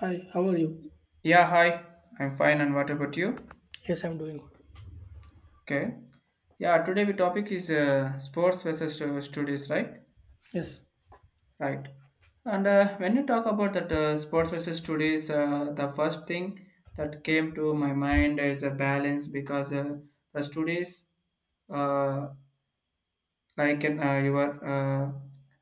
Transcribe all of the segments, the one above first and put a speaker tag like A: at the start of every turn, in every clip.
A: Hi, how are you?
B: Yeah, hi. I'm fine, and what about you?
A: Yes, I'm doing good.
B: Okay. Yeah, today the topic is sports versus studies, right?
A: Yes,
B: Right. And when you talk about that sports versus studies, the first thing that came to my mind is a balance because the studies uh, like in your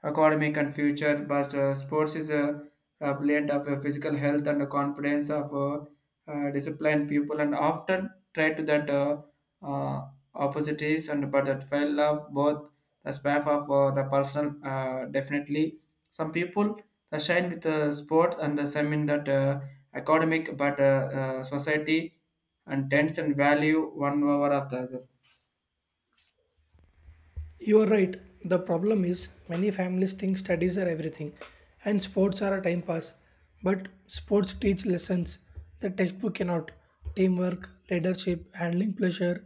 B: academic and future. But sports is a blend of physical health and the confidence of disciplined people, and often try to that uh, opportunities and but that fell off both the path of the person definitely. Some people that shine with the sport and the some in that academic but society and tends and value one over of the other.
A: you are right. The problem is many families think studies are everything and sports are a time pass. But sports teach lessons the textbook cannot teamwork, leadership, handling pleasure,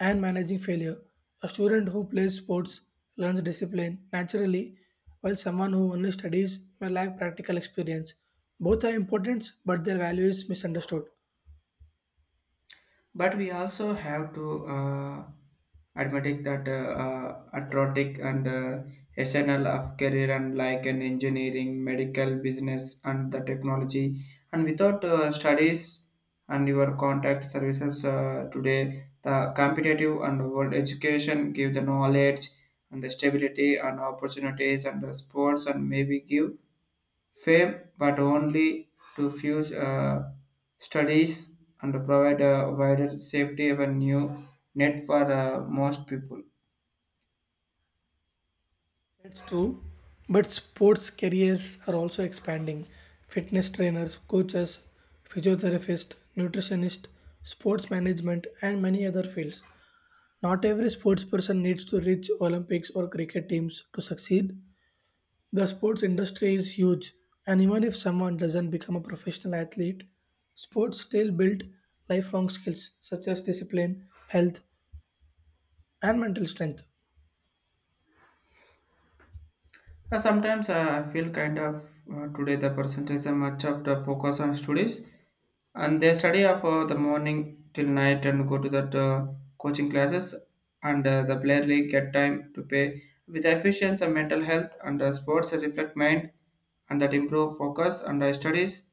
A: and managing failure. A student who plays sports learns discipline naturally, while someone who only studies may lack practical experience. Both are important, but their value is misunderstood.
B: But we also have to admit that athletic and SNL of career and like an engineering, medical, business, and the technology. And without studies and your contact services today, the competitive and world education give the knowledge and the stability and opportunities and the sports and maybe give fame, but only to fuse studies and provide a wider safety avenue net for most people.
A: That's true, but sports careers are also expanding. Fitness trainers, coaches, physiotherapists, nutritionists, sports management, and many other fields. Not every sports person needs to reach Olympics or cricket teams to succeed. The sports industry is huge, and even if someone doesn't become a professional athlete, sports still build lifelong skills such as discipline, health, and mental strength.
B: Sometimes I feel kind of today the percentage are much of the focus on studies and they study of the morning till night and go to that coaching classes and the barely get time to pay with efficiency and mental health and sports reflect mind and that improve focus and studies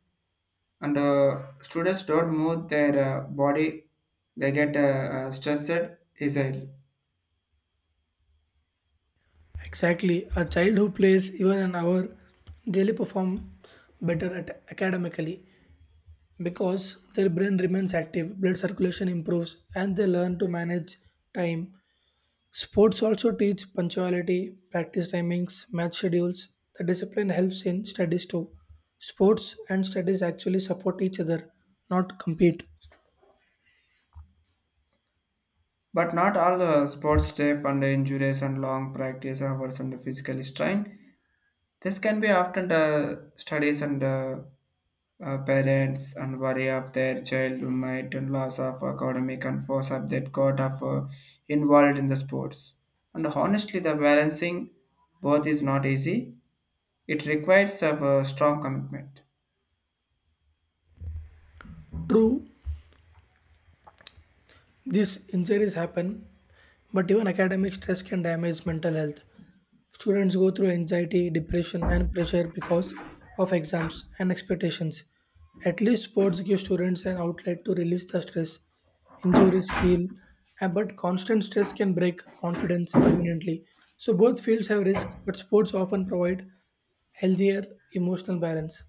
B: and students don't move their body they get stressed easily.
A: Exactly. A child who plays even an hour really perform better at academically because their brain remains active, blood circulation improves, and they learn to manage time. Sports also teach punctuality, practice timings, match schedules. The discipline helps in studies too. Sports and studies actually support each other, not compete.
B: But not all sports stay and injuries and long practice hours and the physical strain, this can be often studies and parents and worry of their child who might and loss of academic and force of that got of involved in the sports. And honestly the balancing both is not easy, it requires of a strong commitment.
A: True, these injuries happen, but even academic stress can damage mental health. Students go through anxiety, depression, and pressure because of exams and expectations. At least sports give students an outlet to release the stress. Injuries heal, and- but constant stress can break confidence permanently. So both fields have risk, but sports often provide healthier emotional balance.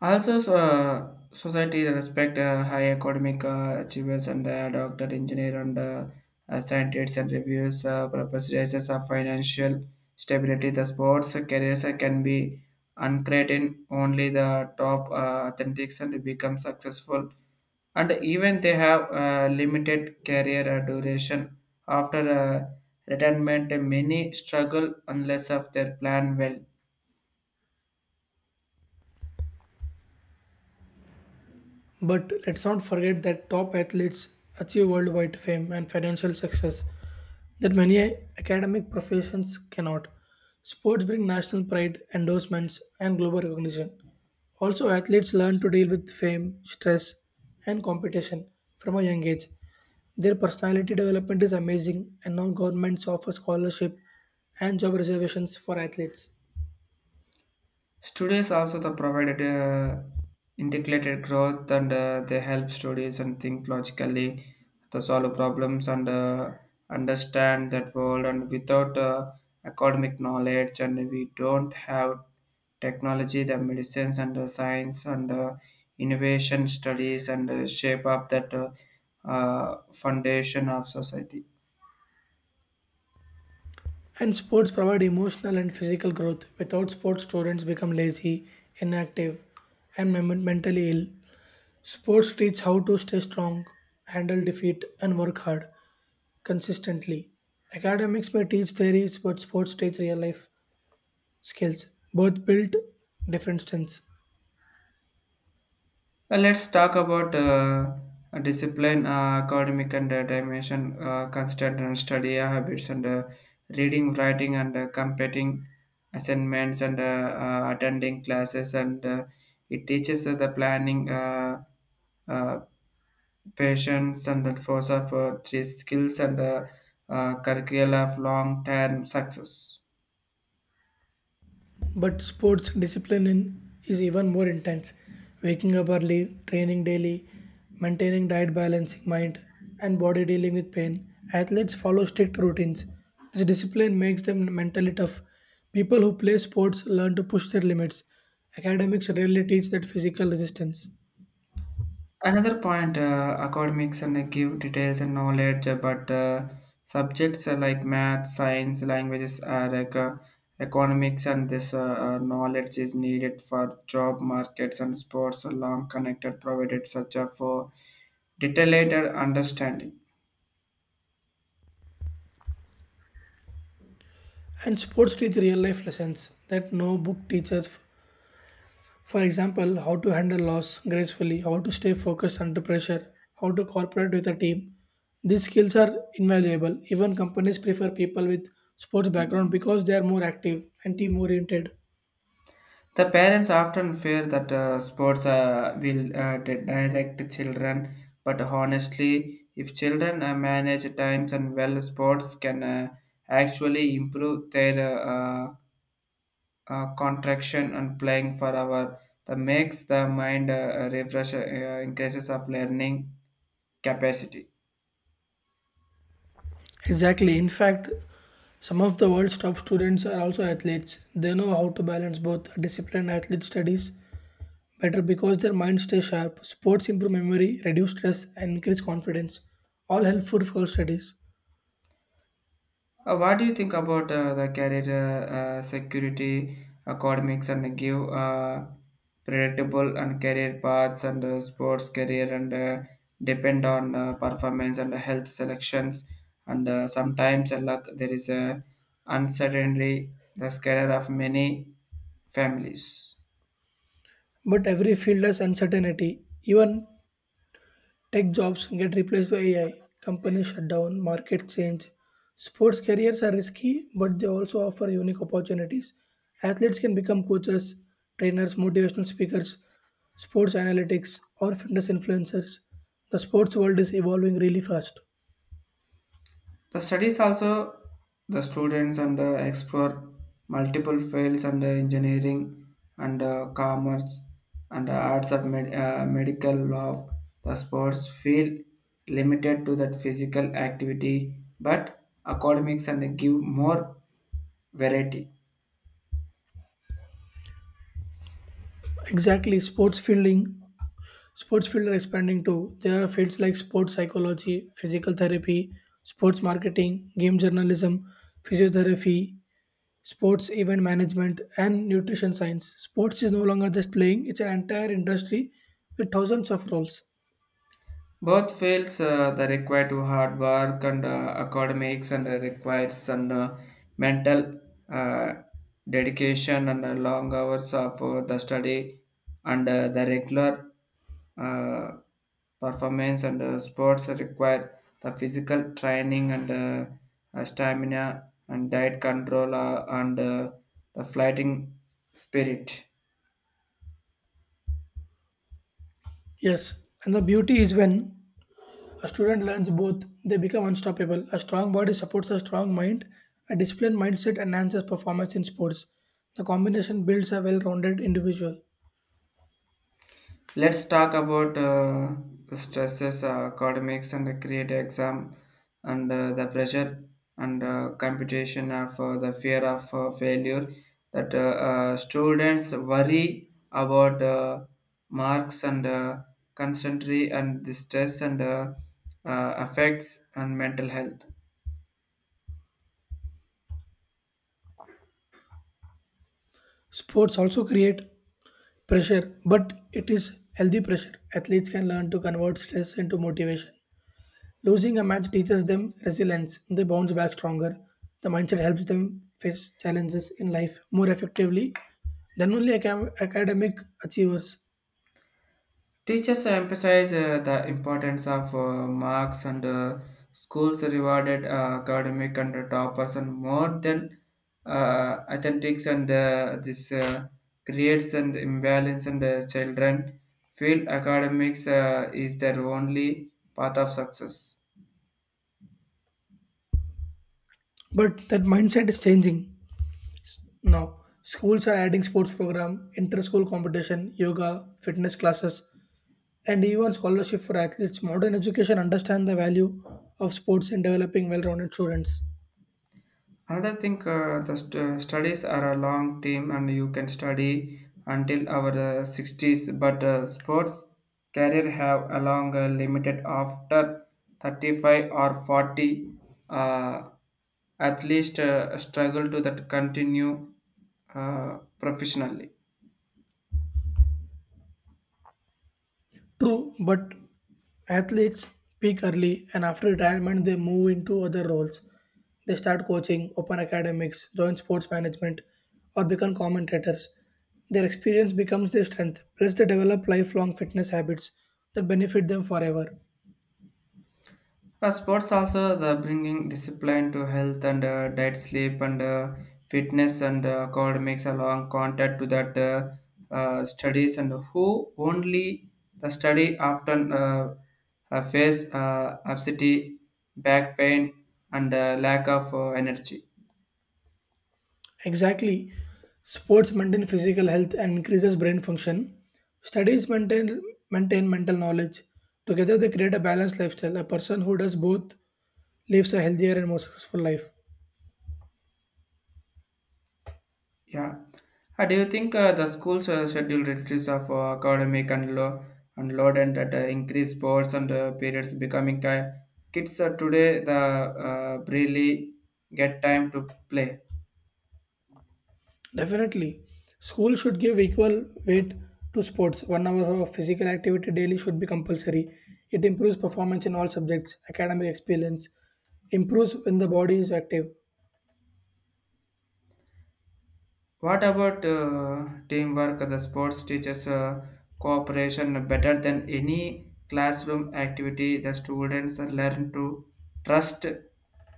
B: Also, so, society respect high academic achievers and doctor, engineer, and scientists and reviews purposes of financial stability. The sports careers can be uncreated only the top authentics and become successful. And even they have limited career duration after retirement. Many struggle unless of their plan well.
A: But let's not forget that top athletes achieve worldwide fame and financial success that many academic professions cannot. Sports bring national pride, endorsements, and global recognition. Also, athletes learn to deal with fame, stress, and competition from a young age. Their personality development is amazing, and now governments offer scholarship and job reservations for athletes.
B: Studios also the provided integrated growth and they help studies and think logically, to solve problems and understand that world. And without academic knowledge, and we don't have technology, the medicines and the science and innovation studies and shape of that foundation of society.
A: And sports provide emotional and physical growth. Without sports, students become lazy, inactive, and mentally ill. Sports teach how to stay strong, handle defeat, and work hard consistently. Academics may teach theories, but sports teach real life skills. Both build different strengths.
B: Well, let's talk about discipline, academic and dimension, constant and study habits, and reading, writing, and competing assignments, and attending classes, and it teaches the planning, uh, patience, and the force of three skills, and curricula of long-term success.
A: But sports discipline is even more intense. Waking up early, training daily, maintaining diet balancing mind and body dealing with pain. Athletes follow strict routines. This discipline makes them mentally tough. People who play sports learn to push their limits. Academics rarely teach that physical resistance.
B: Another point, academics and give details and knowledge, but subjects like math, science, languages, are like, economics, and this knowledge is needed for job markets and sports. Are long connected, provided such a for detailed understanding.
A: And sports teach real life lessons that no book teaches. For example, how to handle loss gracefully, how to stay focused under pressure, how to cooperate with a team. These skills are invaluable. Even companies prefer people with sports background because they are more active and team oriented.
B: The parents often fear that sports will direct children, but honestly, if children manage times and well, sports can actually improve their contraction and playing for hour. That makes the mind refresh, increases of learning capacity.
A: Exactly. In fact, some of the world's top students are also athletes. They know how to balance both discipline and athlete studies better because their minds stay sharp. Sports improve memory, reduce stress, and increase confidence. All helpful for studies.
B: What do you think about the career security, academics, and give predictable and career paths and sports career and depend on performance and health selections and sometimes luck. There is a uncertainty the career of many families.
A: But every field has uncertainty. Even tech jobs get replaced by AI, companies shut down, markets change. Sports careers are risky, but they also offer unique opportunities. Athletes can become coaches, trainers, motivational speakers, sports analytics, or fitness influencers. The sports world is evolving really fast.
B: The studies also the students and explore multiple fields and engineering and commerce and arts of medical law. The sports feel limited to that physical activity, but academics and give more variety.
A: Exactly, sports fielding. Sports field are expanding too. There are fields like sports psychology, physical therapy, sports marketing, game journalism, physiotherapy, sports event management and nutrition science. Sports is no longer just playing, it's an entire industry with thousands of roles.
B: Both fields they require to hard work and academics and requires some mental uh, dedication and long hours of the study and the regular uh, performance and sports require the physical training and stamina and diet control and the fighting spirit.
A: Yes, and the beauty is when a student learns both they become unstoppable. A strong body supports a strong mind, a disciplined mindset enhances performance in sports. The combination builds a well-rounded individual.
B: Let's talk about stresses, academics, and the create exam, and the pressure and computation of the fear of failure that students worry about marks and concentrate and the stress and affects and mental health.
A: Sports also create pressure, but it is healthy pressure. Athletes can learn to convert stress into motivation. Losing a match teaches them resilience. They bounce back stronger. The mindset helps them face challenges in life more effectively than only academic achievers.
B: Teachers emphasize the importance of marks and schools rewarded academic and toppers and more than athletics and this creates an imbalance and children feel academics is their only path of success.
A: But that mindset is changing now. Schools are adding sports program, inter-school competition, yoga, fitness classes, and even scholarship for athletes. Modern education understands the value of sports in developing well-rounded students.
B: Another thing, studies are a long team, and you can study until our 60s. But sports career have a long limited after 35 or 40. Uh, at least struggle to that continue professionally.
A: True, but athletes peak early and after retirement they move into other roles. They start coaching, open academics, join sports management, or become commentators. Their experience becomes their strength, plus, they develop lifelong fitness habits that benefit them forever.
B: Sports also the bringing discipline to health and diet, sleep and fitness and academics along contact to that studies and who only the study often face obesity, back pain and lack of energy.
A: Exactly, sports maintain physical health and increases brain function. Studies maintain mental knowledge. Together, they create a balanced lifestyle. A person who does both lives a healthier and more successful life.
B: Yeah. Do you think the schools scheduled retreats of academic and law and load and that increase sports and periods becoming time? Kids today the really get time to play.
A: Definitely. School should give equal weight to sports. 1 hour of physical activity daily should be compulsory. It improves performance in all subjects, academic experience, improves when the body is active.
B: What about teamwork? The sports teaches cooperation better than any classroom activity. The students learn to trust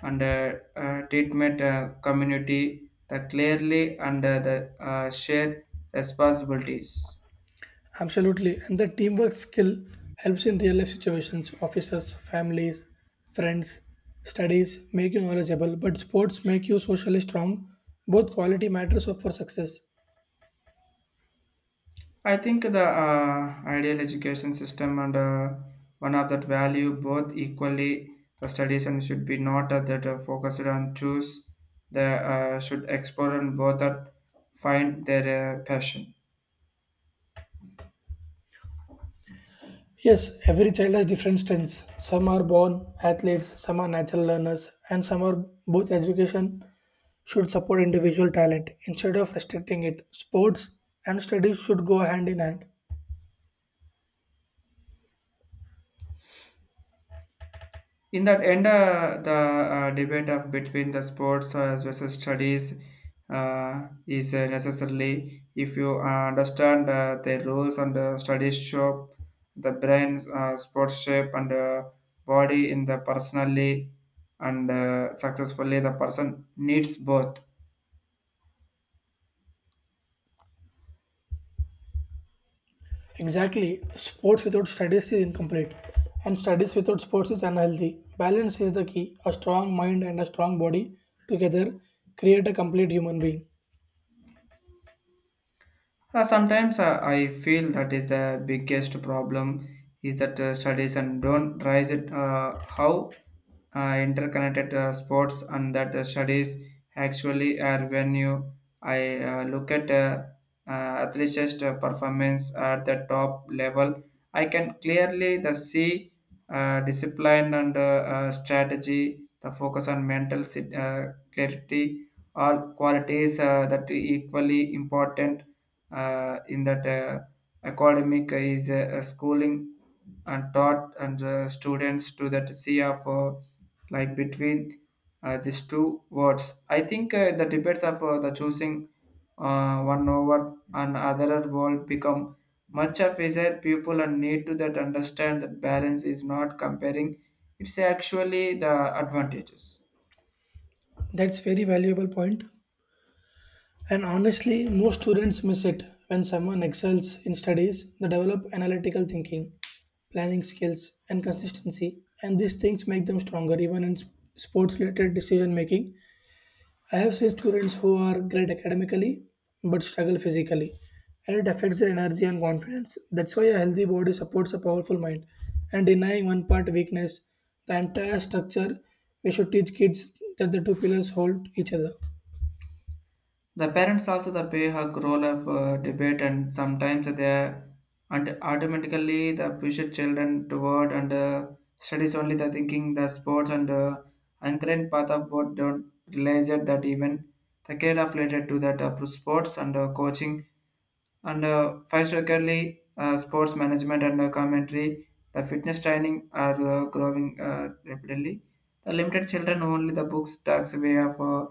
B: and treatment community the clearly under the shared responsibilities.
A: Absolutely. And the teamwork skill helps in real life situations, offices, families, friends, studies make you knowledgeable, but sports make you socially strong. Both quality matters for success.
B: I think the ideal education system and one of that value both equally the studies and should be not that focused on choose the should explore and both that find their passion.
A: Yes, every child has different strengths. Some are born athletes, some are natural learners, and some are both. Education should support individual talent instead of restricting it. Sports and studies should go hand in hand.
B: In that end, the debate of between the sports as versus studies is necessarily if you understand the rules and the studies show the brain, sports shape and body in the personally and successfully the person needs both.
A: Exactly, sports without studies is incomplete, and studies without sports is unhealthy. Balance is the key. A strong mind and a strong body together create a complete human being.
B: Sometimes I feel that is the biggest problem is that studies and don't rise it how interconnected sports and that studies actually are when you I look at uh, athletes' performance at the top level, I can clearly the see discipline and strategy, the focus on mental clarity, all qualities that equally important in that academic is schooling and taught and the students to that sea of like between these two words. I think the debates of the choosing one over and other world become much of desire people and need to that understand that balance is not comparing. It's actually the advantages.
A: That's very valuable point. And honestly, most students miss it. When someone excels in studies, they develop analytical thinking, planning skills, and consistency, and these things make them stronger even in sports related decision making. I have seen students who are great academically but struggle physically, and it affects their energy and confidence. That's why a healthy body supports a powerful mind, and denying one part weakness, the entire structure, we should teach kids that the two pillars hold each other.
B: The parents also the play a role of debate and sometimes they and automatically the push children toward and studies only the thinking the sports and uncurrent path of both don't realize it that even the care of related to that sports and coaching and particularly sports management and commentary the fitness training are growing rapidly the limited children only the books takes away of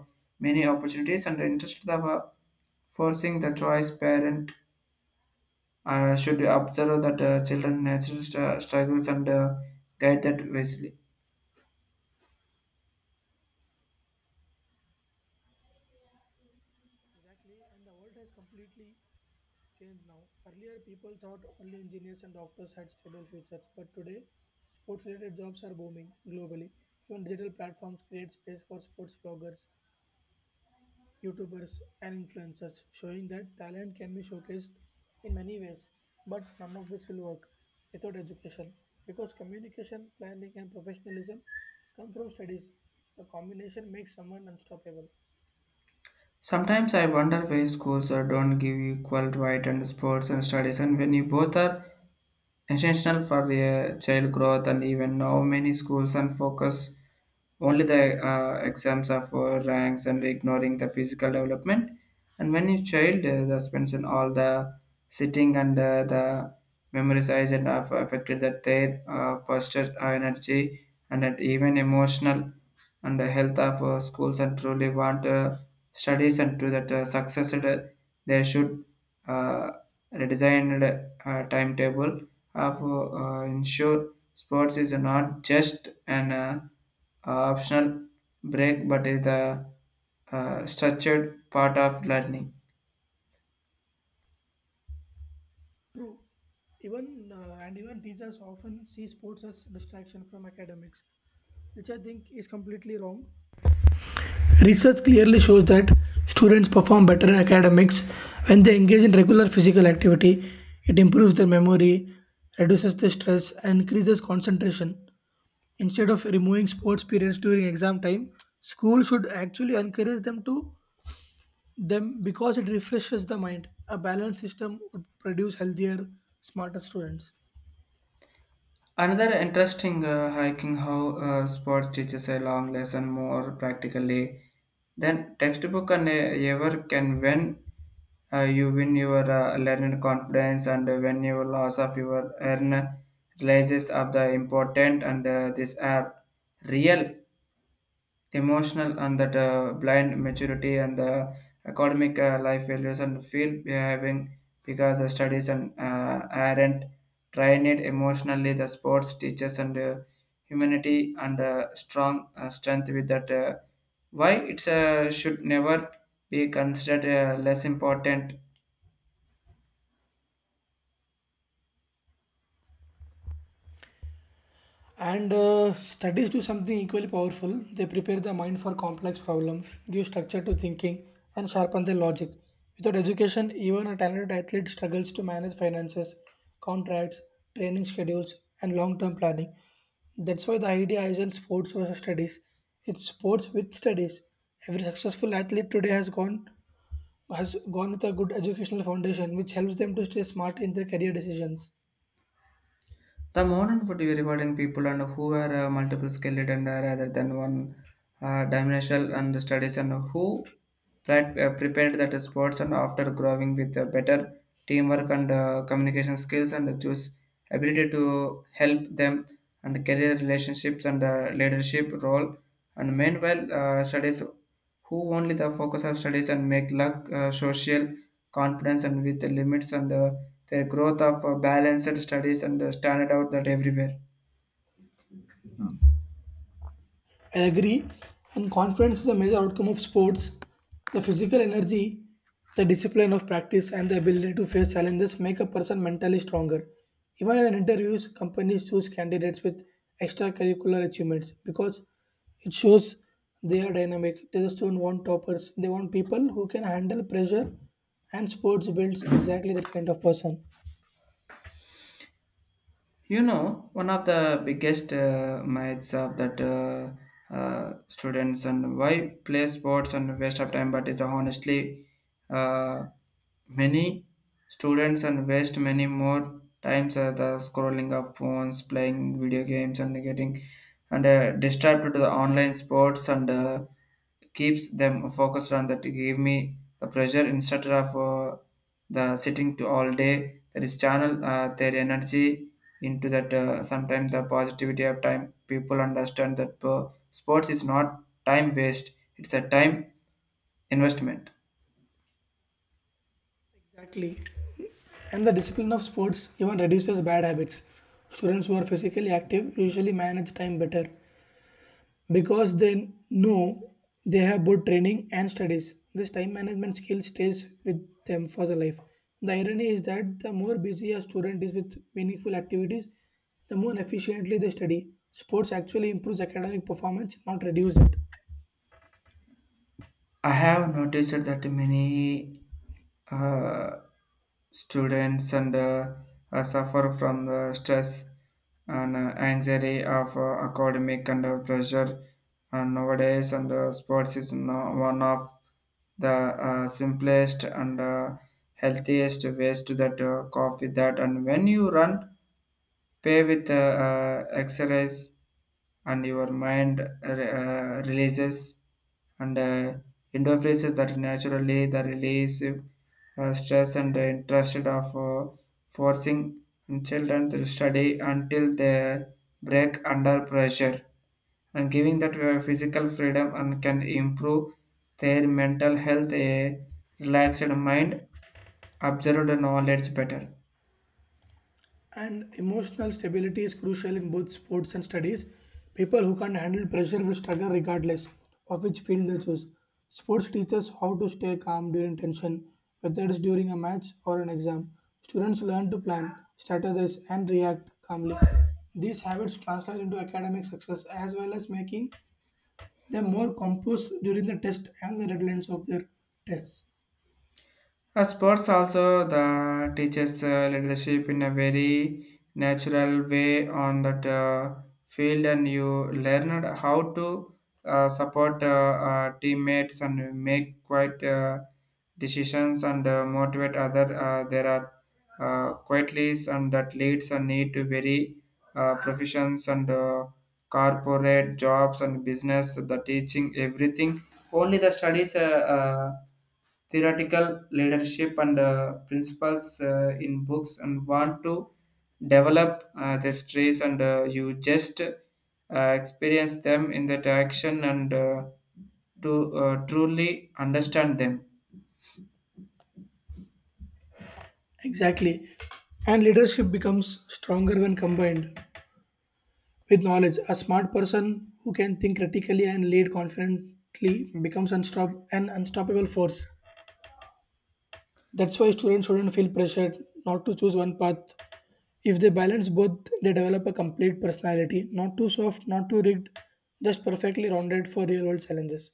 B: many opportunities and interest of Forcing the choice, parent, should observe that children's natural struggles and guide that wisely.
A: Exactly, and the world has completely change now. Earlier, people thought only engineers and doctors had stable futures, but today, sports related jobs are booming globally. Even digital platforms create space for sports vloggers, YouTubers, and influencers, showing that talent can be showcased in many ways. But none of this will work without education because communication, planning, and professionalism come from studies. The combination makes someone unstoppable.
B: Sometimes I wonder why schools don't give equal right and sports and studies, and when you both are essential for the child growth. And even now many schools and focus only the exams of ranks and ignoring the physical development. And when you child the spends in all the sitting and the memory size and have affected that their posture energy and that even emotional and the health of schools and truly want studies and to that success that, they should uh, redesigned timetable of ensure sports is not just an optional break but is a structured part of learning.
A: True. Even and even teachers often see sports as distraction from academics, which I think is completely wrong. Research clearly shows that students perform better in academics when they engage in regular physical activity. It improves their memory, reduces their stress, and increases concentration. Instead of removing sports periods during exam time, school should actually encourage them to them because it refreshes the mind. A balanced system would produce healthier, smarter students.
B: Another interesting hiking how sports teaches a long lesson more practically than textbook and ever can. When you win your learned confidence, and when your loss of your earn realizes of the important, and these are real, the emotional and that blind maturity, and the academic life values and field behaving because the studies and aren't trained emotionally, the sports teachers and humanity and strong strength with that, why it should never be considered less important.
A: And Studies do something equally powerful. They prepare the mind for complex problems, give structure to thinking, and sharpen their logic. Without education, even a talented athlete struggles to manage finances, contracts, training schedules, and long term planning. That's why the idea isn't sports versus studies, it's sports with studies. Every successful athlete today has gone with a good educational foundation which helps them to stay smart in their career decisions.
B: The modern would be rewarding people and who are multiple skilled, and rather than one dimensional and studies and who prepared that sports, and after growing with better teamwork and communication skills and choose ability to help them, and career relationships and leadership role, and meanwhile studies who only the focus on studies and make luck social confidence and with the limits, and the growth of balanced studies and standard out that everywhere.
A: I agree, and confidence is a major outcome of sports. The physical energy, the discipline of practice, and the ability to face challenges make a person mentally stronger. Even in interviews, companies choose candidates with extracurricular achievements because it shows they are dynamic. They just don't want toppers, they want people who can handle pressure, and sports builds exactly that kind of person.
B: You know, one of the biggest myths of that students and why play sports and waste of time, but it's honestly uh, many students and waste many more times the scrolling of phones, playing video games, and getting and distracted to the online sports, and keeps them focused on that. Give me the pressure instead of the sitting to all day. That is channel their energy into that sometimes the positivity of time people understand that sports is not time waste, it's a time investment.
A: Exactly. And the discipline of sports even reduces bad habits. Students who are physically active usually manage time better because they know they have both training and studies. This time management skill stays with them for the life. The irony is that the more busy a student is with meaningful activities, the more efficiently they study. Sports actually improves academic performance, not reduce it.
B: I have noticed that many uh, students and suffer from the stress and anxiety of academic and pressure and nowadays and sports is no, one of the simplest and healthiest ways to that coffee that, and when you run pay with exercise and your mind releases and endorphins that naturally the release of, stress and the interest of forcing children to study until they break under pressure, and giving that physical freedom and can improve their mental health. A relaxed mind observed knowledge better.
A: And emotional stability is crucial in both sports and studies. People who can't handle pressure will struggle regardless of which field they choose. Sports teaches how to stay calm during tension, whether it is during a match or an exam. Students learn to plan, strategize, and react calmly. These habits translate into academic success as well as making them more composed during the test and the deadlines of their tests.
B: Sports also the teaches leadership in a very natural way on that field, and you learned how to support teammates and make quite decisions and motivate other. There are quietly and that leads and need to very professions and corporate jobs and business. The teaching everything only the studies. Uh, Theoretical leadership and principles in books and want to develop the stress, and you just experience them in that action, and to truly understand them.
A: Exactly. And leadership becomes stronger when combined. With knowledge, a smart person who can think critically and lead confidently becomes an unstoppable force. That's why students shouldn't feel pressured not to choose one path. If they balance both, they develop a complete personality, not too soft, not too rigged, just perfectly rounded for real world challenges.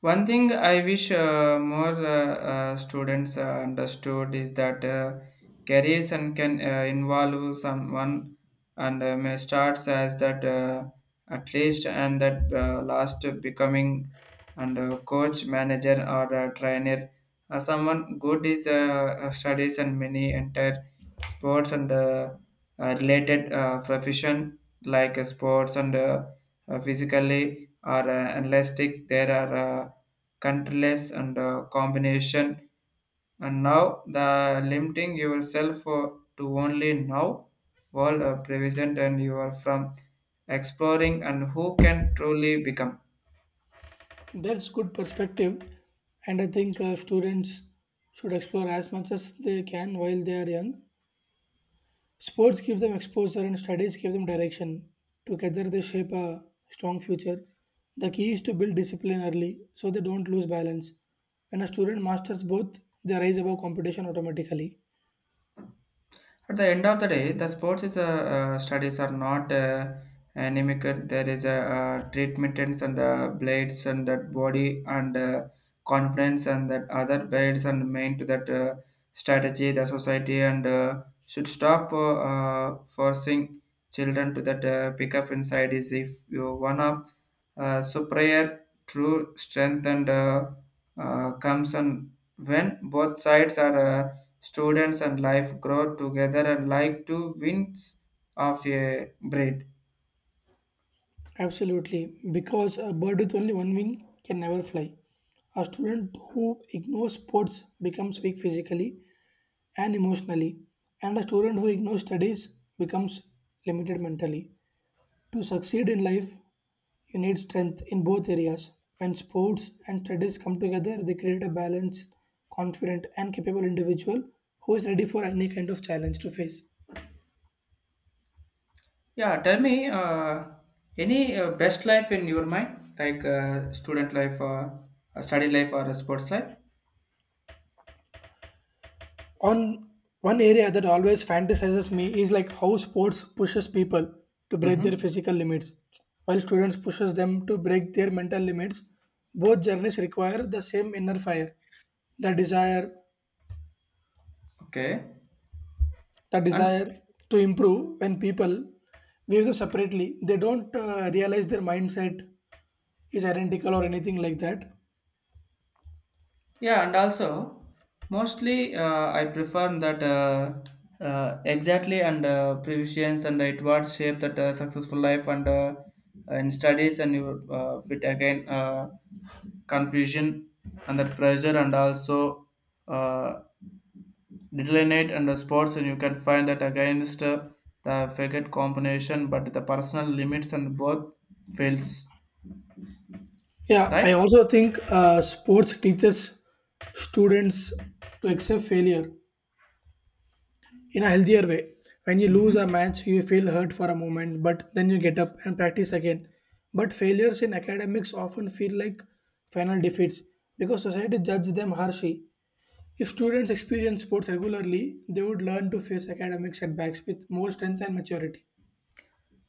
B: One thing I wish more students understood is that careers and can involve someone and may starts as that at least and that last becoming and coach manager or a trainer. Someone good is studies and many entire sports and related profession like sports and physically or elastic. There are countless and combination, and now the limiting yourself to only now world present, and you are from exploring and who can truly become.
A: That's good perspective, and I think students should explore as much as they can while they are young. Sports give them exposure and studies give them direction. Together, they shape a strong future. The key is to build discipline early so they don't lose balance. When a student masters both, they rise above competition automatically.
B: At the end of the day, the sports is a, studies are not anemic. There is a, treatment and the blades and that body and confidence and that other blades and main to that strategy. The society and should stop for forcing children to that pick up inside is if you one of so prayer true strength and comes and when both sides are. Students and life grow together and like to winds of a breed.
A: Absolutely, because a bird with only one wing can never fly. A student who ignores sports becomes weak physically and emotionally, and a student who ignores studies becomes limited mentally. To succeed in life, you need strength in both areas. When sports and studies come together, they create a balanced, confident, and capable individual who is ready for any kind of challenge to face.
B: Yeah, tell me, any best life in your mind, like student life or study life or a sports life?
A: On one area that always fantasizes me is like how sports pushes people to break their
B: Mm-hmm.
A: physical limits, while students pushes them to break their mental limits. Both journeys require the same inner fire, the desire
B: Okay.
A: the
B: And
A: desire to improve. When people view them separately they don't realize their mindset is identical or anything like that.
B: yeah, and also mostly I prefer that exactly and previsions and it what shape that successful life and in studies and you fit again. Confusion and that pressure and also uh, determinate and the sports and you can find that against the faggot combination but the personal limits and both fails.
A: Yeah, I
B: Right.
A: also think sports teaches students to accept failure in a healthier way. When you lose a
B: Hmm.
A: match, you feel hurt for a moment, but then you get up and practice again. But failures in academics often feel like final defeats because society judges them harshly. If students experience sports regularly, they would learn to face academic setbacks with more strength and maturity.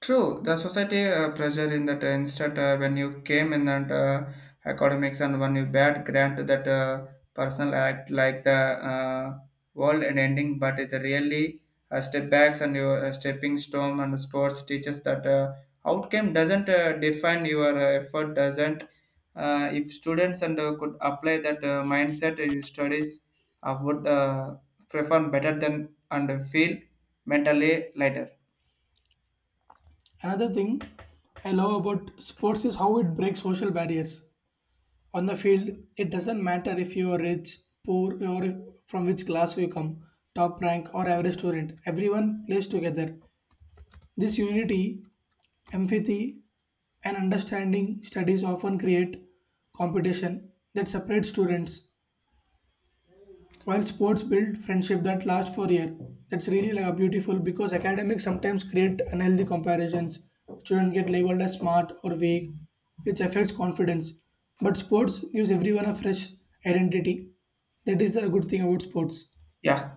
B: True, the society pressure in that instant when you came in and academics and when you bad grant that personal act like the uh, world and ending, but it really step backs and your stepping stone and sports teaches that outcome doesn't define your effort doesn't. If students and could apply that mindset, your studies would perform better than and feel mentally lighter.
A: Another thing I love about sports is how it breaks social barriers. On the field it doesn't matter if you are rich poor or if, from which class you come, top rank or average student, everyone plays together. This unity, empathy, and understanding. Studies often create competition that separates students, while sports build friendship that last for a year. That's really like a beautiful because academics sometimes create unhealthy comparisons. Children get labeled as smart or weak, which affects confidence. But sports gives everyone a fresh identity. That is the good thing about sports.
B: Yeah.